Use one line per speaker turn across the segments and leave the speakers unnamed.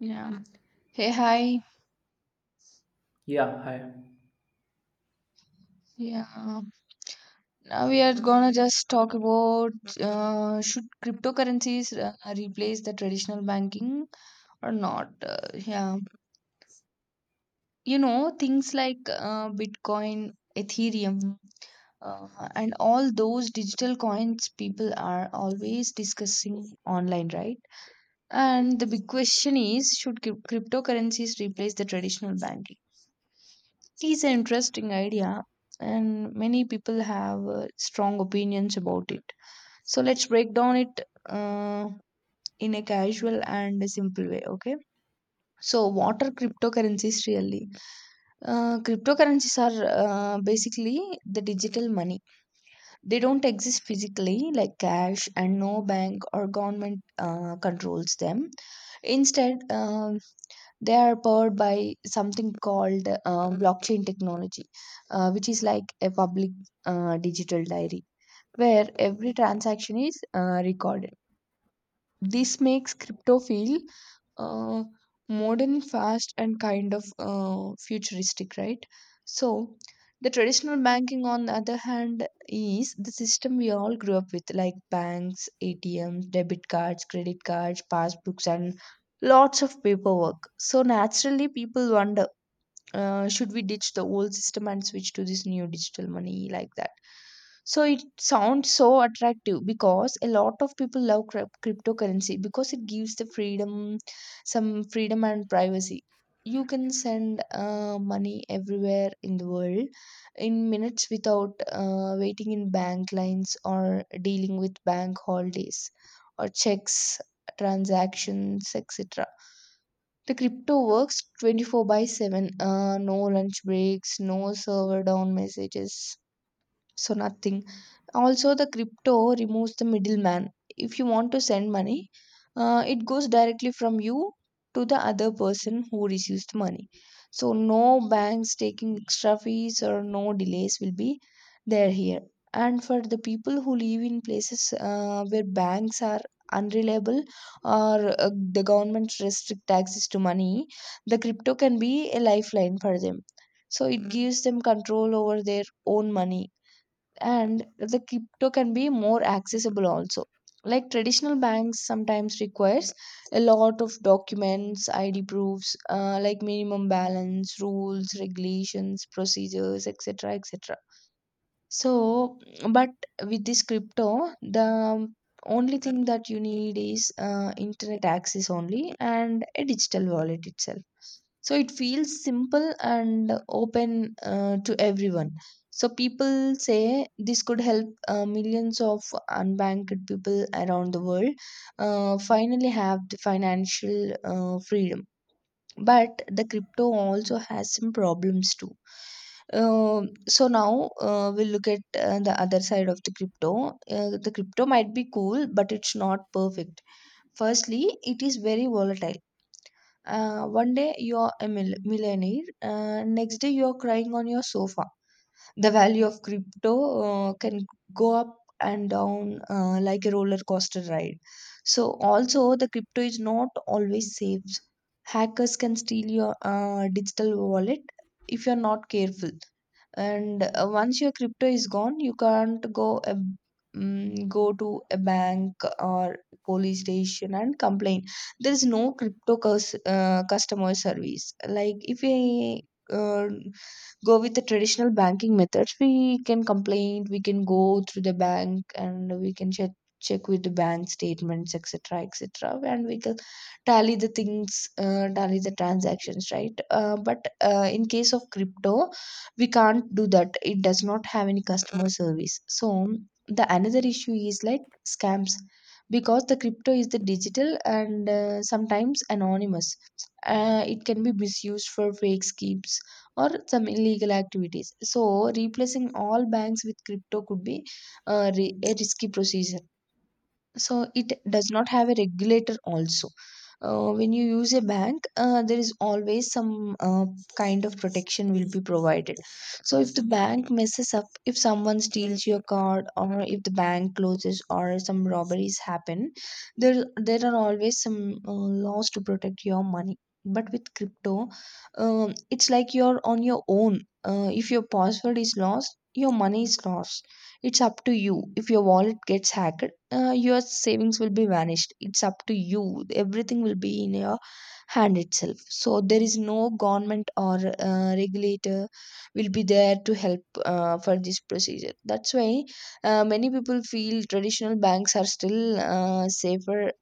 Yeah. Hey, hi.
Yeah, hi.
Yeah. Now we are gonna just talk about, should cryptocurrencies replace the traditional banking or not? Yeah. You know, things like Bitcoin, Ethereum, and all those digital coins people are always discussing online, right? And the big question is, should cryptocurrencies replace the traditional banking? It is an interesting idea, and many people have strong opinions about it. So let's break down it uh, in a casual and a simple way, okay? So, what are cryptocurrencies really? Cryptocurrencies are basically the digital money. They don't exist physically like cash, and no bank or government controls them. Instead, they are powered by something called blockchain technology, which is like a public digital diary where every transaction is recorded. This makes crypto feel uh, modern, fast, and kind of futuristic, right? So, the traditional banking, on the other hand, is the system we all grew up with, like banks, ATMs, debit cards, credit cards, passbooks, and lots of paperwork. So, naturally, people wonder, should we ditch the old system and switch to this new digital money like that? So it sounds so attractive because a lot of people love cryptocurrency because it gives the freedom, some freedom and privacy. You can send money everywhere in the world in minutes without waiting in bank lines or dealing with bank holidays or checks, transactions, etc. The crypto works 24 by 7. No lunch breaks, no server down messages, so nothing. Also, the crypto removes the middleman. If you want to send money, it goes directly from you to the other person who receives the money, so no banks taking extra fees or no delays will be there here. And for the people who live in places where banks are unreliable or the government restrict access to money, the crypto can be a lifeline for them. So it gives them control over their own money. And the crypto can be more accessible also, like traditional banks sometimes requires a lot of documents, id proofs, like minimum balance, rules, regulations, procedures, etc, etc. So, but with this crypto, the only thing that you need is internet access only and a digital wallet itself. So it feels simple and open to everyone. So people say this could help millions of unbanked people around the world finally have the financial freedom. But the crypto also has some problems too. So now we'll look at the other side of the crypto. The crypto might be cool, but it's not perfect. Firstly, it is very volatile. One day you're a millionaire, next day you're crying on your sofa. The value of crypto can go up and down like a roller coaster ride. So also the crypto is not always safe. Hackers can steal your digital wallet if you're not careful. And once your crypto is gone, you can't go a, mm go to a bank or police station and complain. There is no crypto customer service. Like, if we uh, go with the traditional banking methods, we can complain, we can go through the bank, and we can check with the bank statements, etc, etc, and we can tally the things, tally the transactions, right? But in case of crypto, we can't do that. It does not have any customer service. So the another issue is like scams, because the crypto is the digital and sometimes anonymous, it can be misused for fake schemes or some illegal activities. So replacing all banks with crypto could be a risky procedure. So it does not have a regulator also. When you use a bank, there is always some kind of protection will be provided. So if the bank messes up, if someone steals your card, or if the bank closes, or some robberies happen, there are always some laws to protect your money. But with crypto, it's like you're on your own. If your password is lost, your money is lost. It's up to you. If your wallet gets hacked, your savings will be vanished. It's up to you. Everything will be in your hand itself. So there is no government or regulator will be there to help for this procedure. That's why many people feel traditional banks are still safer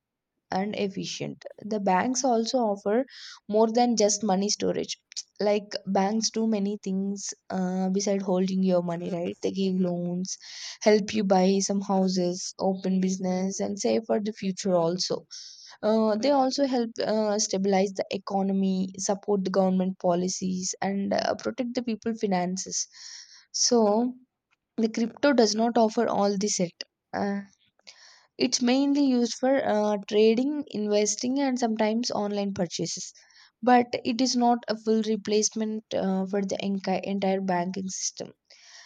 and efficient. The banks also offer more than just money storage. Like, banks do many things beside holding your money, right? They give loans, help you buy some houses, open business, and save for the future also. They also help stabilize the economy, support the government policies, and protect the people finances. So, the crypto does not offer all this yet. Uh, it's mainly used for trading, investing, and sometimes online purchases. But it is not a full replacement for the entire banking system.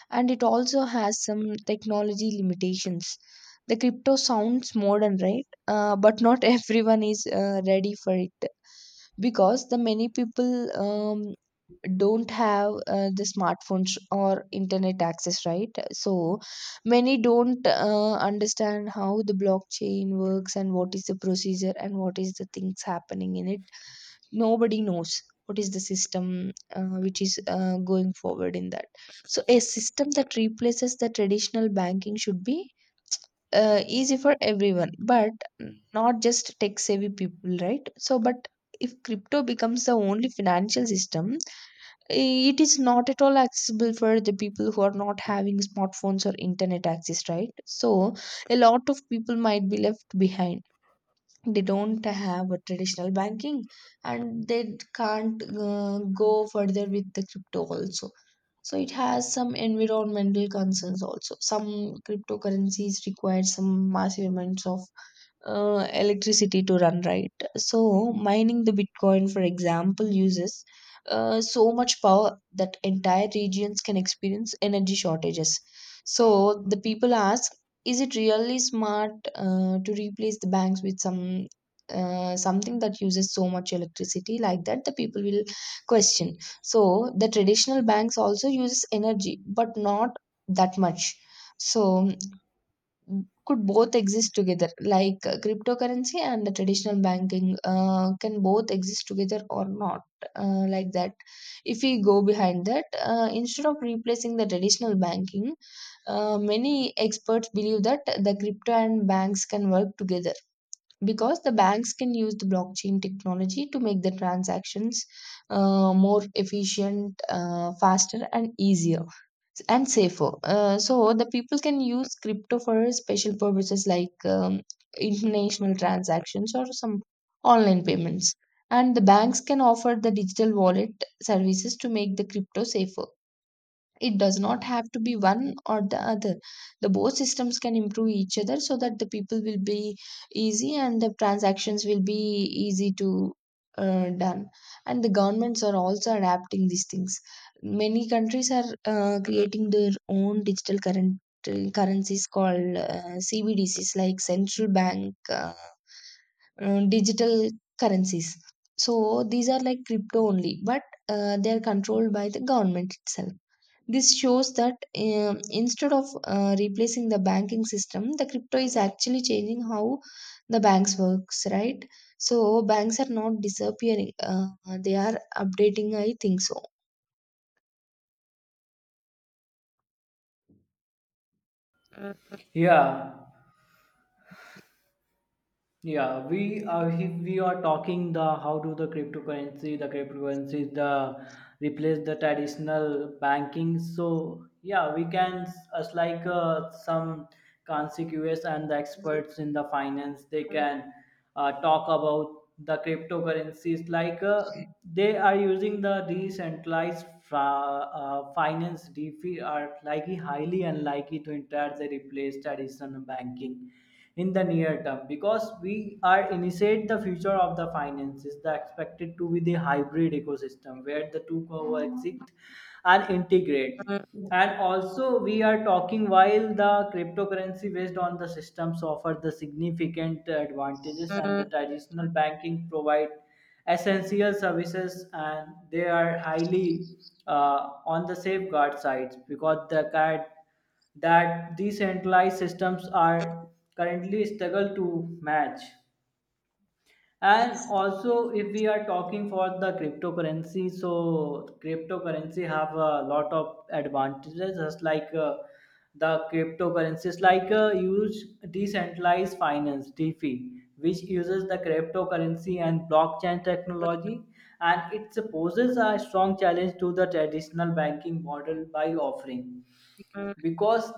And it also has some technology limitations. The crypto sounds modern, right? But not everyone is ready for it, because the many people um, don't have the smartphones or internet access, right? So many don't understand how the blockchain works and what is the procedure and what is the things happening in it. Nobody knows what is the system which is going forward in that. So a system that replaces the traditional banking should be easy for everyone, but not just tech savvy people, right? So, but if crypto becomes the only financial system, it is not at all accessible for the people who are not having smartphones or internet access, right? So a lot of people might be left behind. They don't have a traditional banking, and they can't go further with the crypto also. So it has some environmental concerns also. Some cryptocurrencies require some massive amounts of electricity to run, right? So mining the bitcoin, for example, uses so much power that entire regions can experience energy shortages. So the people ask, is it really smart to replace the banks with some something that uses so much electricity like that? The people will question. So the traditional banks also uses energy, but not that much. So, could both exist together, like cryptocurrency and the traditional banking can both exist together or not, like that? If we go behind that, instead of replacing the traditional banking, many experts believe that the crypto and banks can work together, because the banks can use the blockchain technology to make the transactions more efficient, faster, and easier and safer. So the people can use crypto for special purposes like international transactions or some online payments. And the banks can offer the digital wallet services to make the crypto safer. It does not have to be one or the other. The both systems can improve each other so that the people will be easy and the transactions will be easy to done. And the governments are also adapting these things. Many countries are creating their own digital current currencies called CBDCs, like central bank digital currencies. So these are like crypto only, but they are controlled by the government itself. This shows that, instead of replacing the banking system, the crypto is actually changing how the banks works, right? So banks are not disappearing; they are updating, I think so.
Yeah, yeah. We are if we are talking the how do the cryptocurrency the replace the traditional banking. So yeah, we can us like some consequence and the experts in the finance they can talk about the cryptocurrencies like they are using the decentralized finance DeFi are likely highly unlikely to entirely replace traditional banking in the near term because we are initiate the future of the finances the expected to be the hybrid ecosystem where the two coexist and integrate. And also we are talking while the cryptocurrency based on the systems offer the significant advantages and the traditional banking provide essential services and they are highly uh, on the safeguard sides because the cat that decentralized systems are currently struggle to match. And also if we are talking for the cryptocurrency, so cryptocurrency have a lot of advantages just like the cryptocurrencies like use decentralized finance DeFi which uses the cryptocurrency and blockchain technology and it poses a strong challenge to the traditional banking model by offering because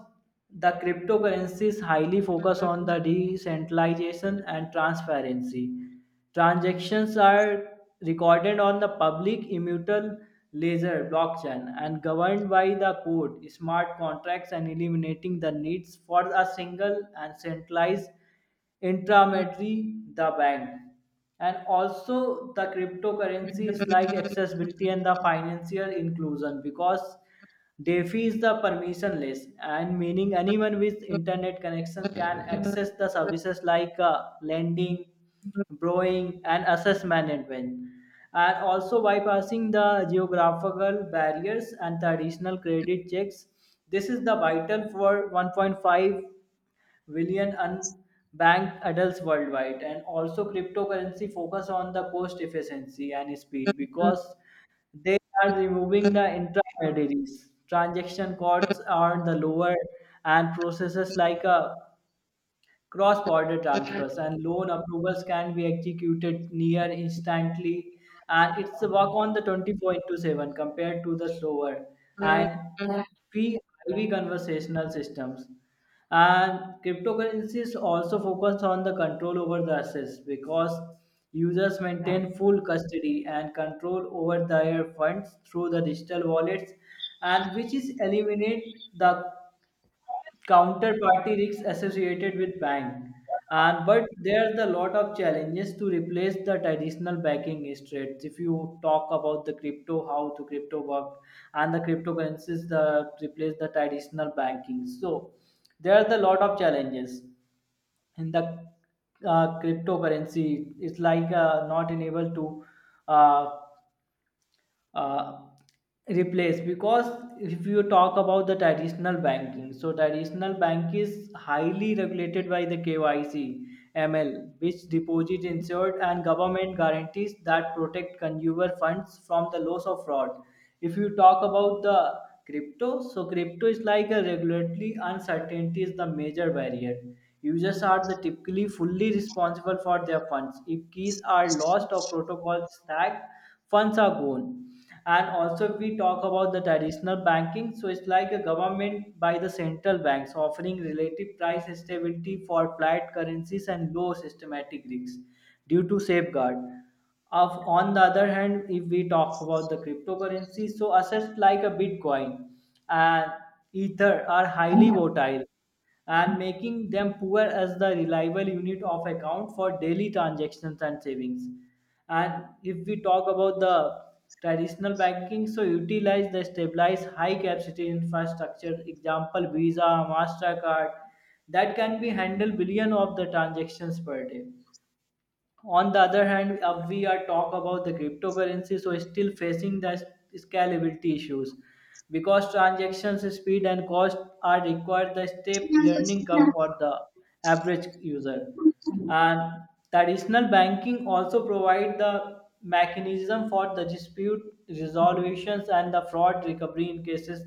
the cryptocurrencies highly focus on the decentralization and transparency. Transactions are recorded on the public immutable ledger blockchain and governed by the code, smart contracts, and eliminating the needs for a single and centralized intermediary, the bank. And also the cryptocurrencies like accessibility and the financial inclusion because DeFi is the permissionless, and meaning anyone with internet connection can access the services like lending, borrowing, and asset management, and also bypassing the geographical barriers and traditional credit checks. This is the vital for 1.5 billion unbanked adults worldwide, and also cryptocurrency focus on the cost efficiency and speed because they are removing the intermediaries. Transaction costs are the lower and processes like a cross-border transfers and loan approvals can be executed near instantly, and it's a work on the 24 into 7 compared to the slower and fee heavy conversational systems. And cryptocurrencies also focus on the control over the assets because users maintain full custody and control over their funds through the digital wallets and which is eliminate the counterparty risks associated with bank. And but there's a lot of challenges to replace the traditional banking instruments. If you talk about the crypto how to crypto work and the cryptocurrencies the replace the traditional banking, so there's a lot of challenges in the cryptocurrency. It's like not enabled to uh, uh, replace because if you talk about the traditional banking, so traditional bank is highly regulated by the KYC ML which deposit insured and government guarantees that protect consumer funds from the loss of fraud. If you talk about the crypto, so crypto is like a regulatory uncertainty is the major barrier. Users are the typically fully responsible for their funds. If keys are lost or protocols stacked, funds are gone. And also if we talk about the traditional banking, so it's like a government by the central banks offering relative price stability for flat currencies and low systematic risks due to safeguard of. On the other hand, if we talk about the cryptocurrency, so assets like a bitcoin and ether are highly volatile and making them poor as the reliable unit of account for daily transactions and savings. And if we talk about the traditional banking, so utilize the stabilized high capacity infrastructure, example Visa, MasterCard, that can be handle billion of the transactions per day. On the other hand, we are talk about the cryptocurrency, so it's still facing the scalability issues because transactions speed and cost are required the step learning curve for the average user. And traditional banking also provide the mechanism for the dispute resolutions and the fraud recovery in cases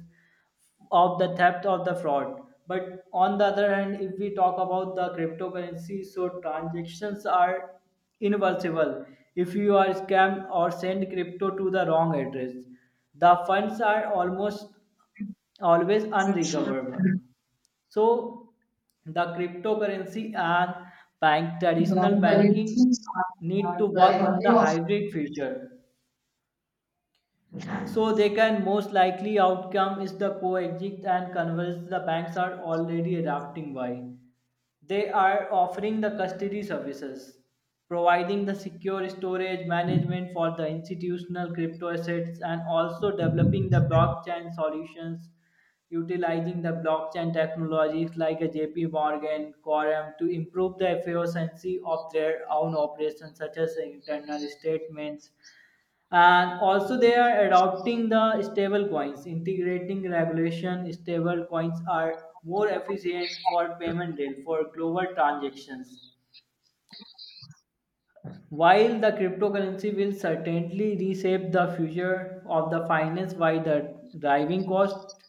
of the theft of the fraud. But on the other hand, if we talk about the cryptocurrency, so transactions are irreversible. If you are scammed or send crypto to the wrong address, the funds are almost always unrecoverable. So the cryptocurrency and bank traditional banking need to work in the hybrid future. So they can most likely outcome is the coexist and converse. The banks are already adapting why. They are offering the custody services, providing the secure storage management for the institutional crypto assets and also developing the blockchain solutions utilizing the blockchain technologies like a JP Morgan, Quorum to improve the efficiency of their own operations, such as internal statements. And also, they are adopting the stable coins, integrating regulation. Stable coins are more efficient for payment rail for global transactions. While the cryptocurrency will certainly reshape the future of the finance by the driving cost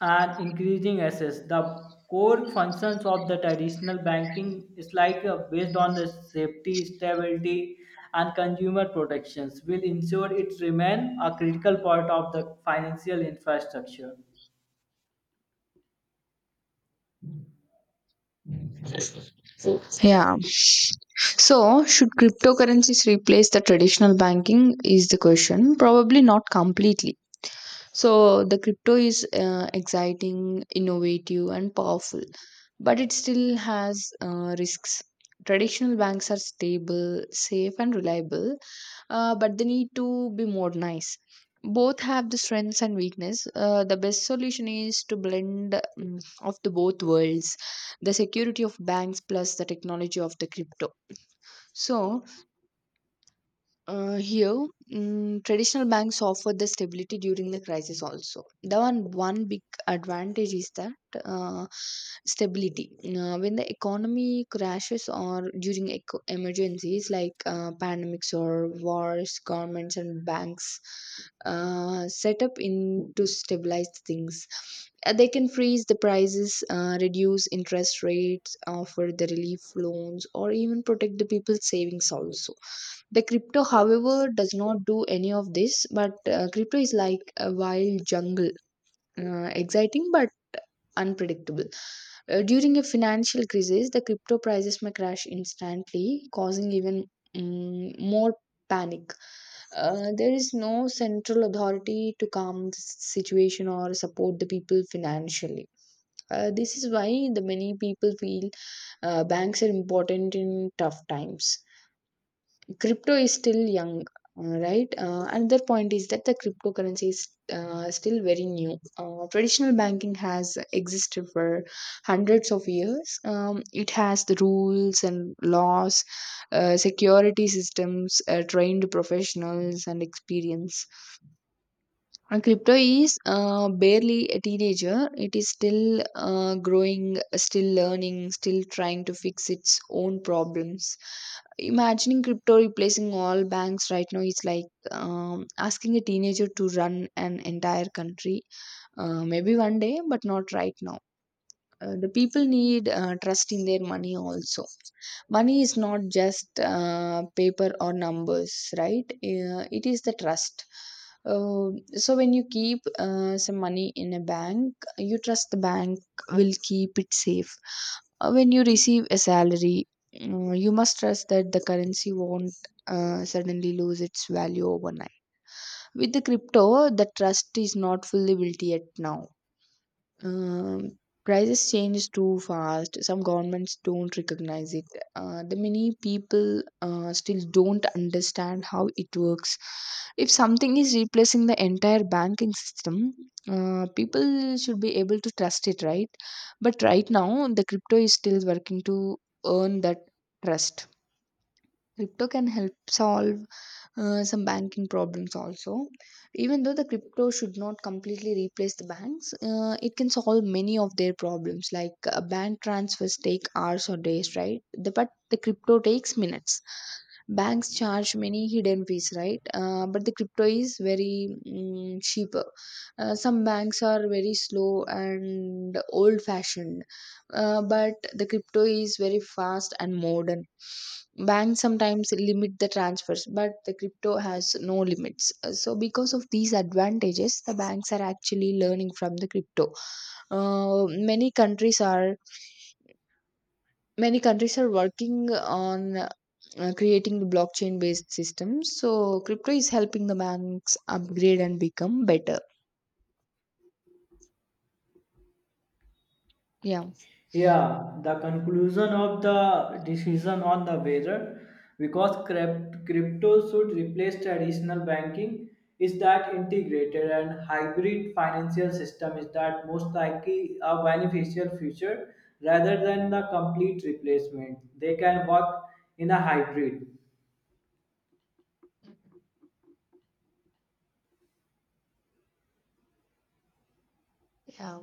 and increasing access, the core functions of the traditional banking is like based on the safety, stability, and consumer protections will ensure it remain a critical part of the financial infrastructure.
Yeah. So, should cryptocurrencies replace the traditional banking? Is the question. Probably not completely. So, the crypto is exciting, innovative, and powerful, but it still has risks. Traditional banks are stable, safe, and reliable, but they need to be more nice. Both have the strengths and weakness. The best solution is to blend, of the both worlds, the security of banks plus the technology of the crypto. So here, traditional banks offer the stability during the crisis also. The one big advantage is that uh, stability. When the economy crashes or during emergencies like pandemics or wars, governments and banks set up in to stabilize things. They can freeze the prices, reduce interest rates, offer the relief loans, or even protect the people's savings also. The crypto, however, does not do any of this. But crypto is like a wild jungle, exciting but unpredictable. During a financial crisis, the crypto prices may crash instantly, causing even more panic. There is no central authority to calm the situation or support the people financially. This is why the many people feel banks are important in tough times. Crypto is still young, right? Another point is that the cryptocurrency is still very new. Traditional banking has existed for hundreds of years. It has the rules and laws, security systems, trained professionals, and experience. And crypto is barely a teenager. It is still growing, still learning, still trying to fix its own problems. Imagining crypto replacing all banks right now is like asking a teenager to run an entire country. Maybe one day, but not right now. The people need trust in their money also. Money is not just paper or numbers, right? It is the trust. Uh, so when you keep some money in a bank, you trust the bank will keep it safe. When you receive a salary, you must trust that the currency won't suddenly lose its value overnight. With the crypto, the trust is not fully built yet now. um, Prices change too fast. Some governments don't recognize it. The many people still don't understand how it works. If something is replacing the entire banking system, people should be able to trust it, right? But right now, the crypto is still working to earn that trust. Crypto can help solve some banking problems also. Even though the crypto should not completely replace the banks, it can solve many of their problems, like bank transfers take hours or days, right? But the crypto takes minutes. Banks charge many hidden fees, right? But the crypto is very cheaper. Some banks are very slow and old fashioned, but the crypto is very fast and modern. Banks sometimes limit the transfers, but the crypto has no limits. So because of these advantages, the banks are actually learning from the crypto. Uh, many countries are Many countries are working on creating the blockchain based systems. So, crypto is helping the banks upgrade and become better. Yeah.
Yeah, the conclusion of the decision on the whether because crypto should replace traditional banking is that integrated and hybrid financial system is that most likely a beneficial future rather than the complete replacement. They can work in a hybrid.
Yeah.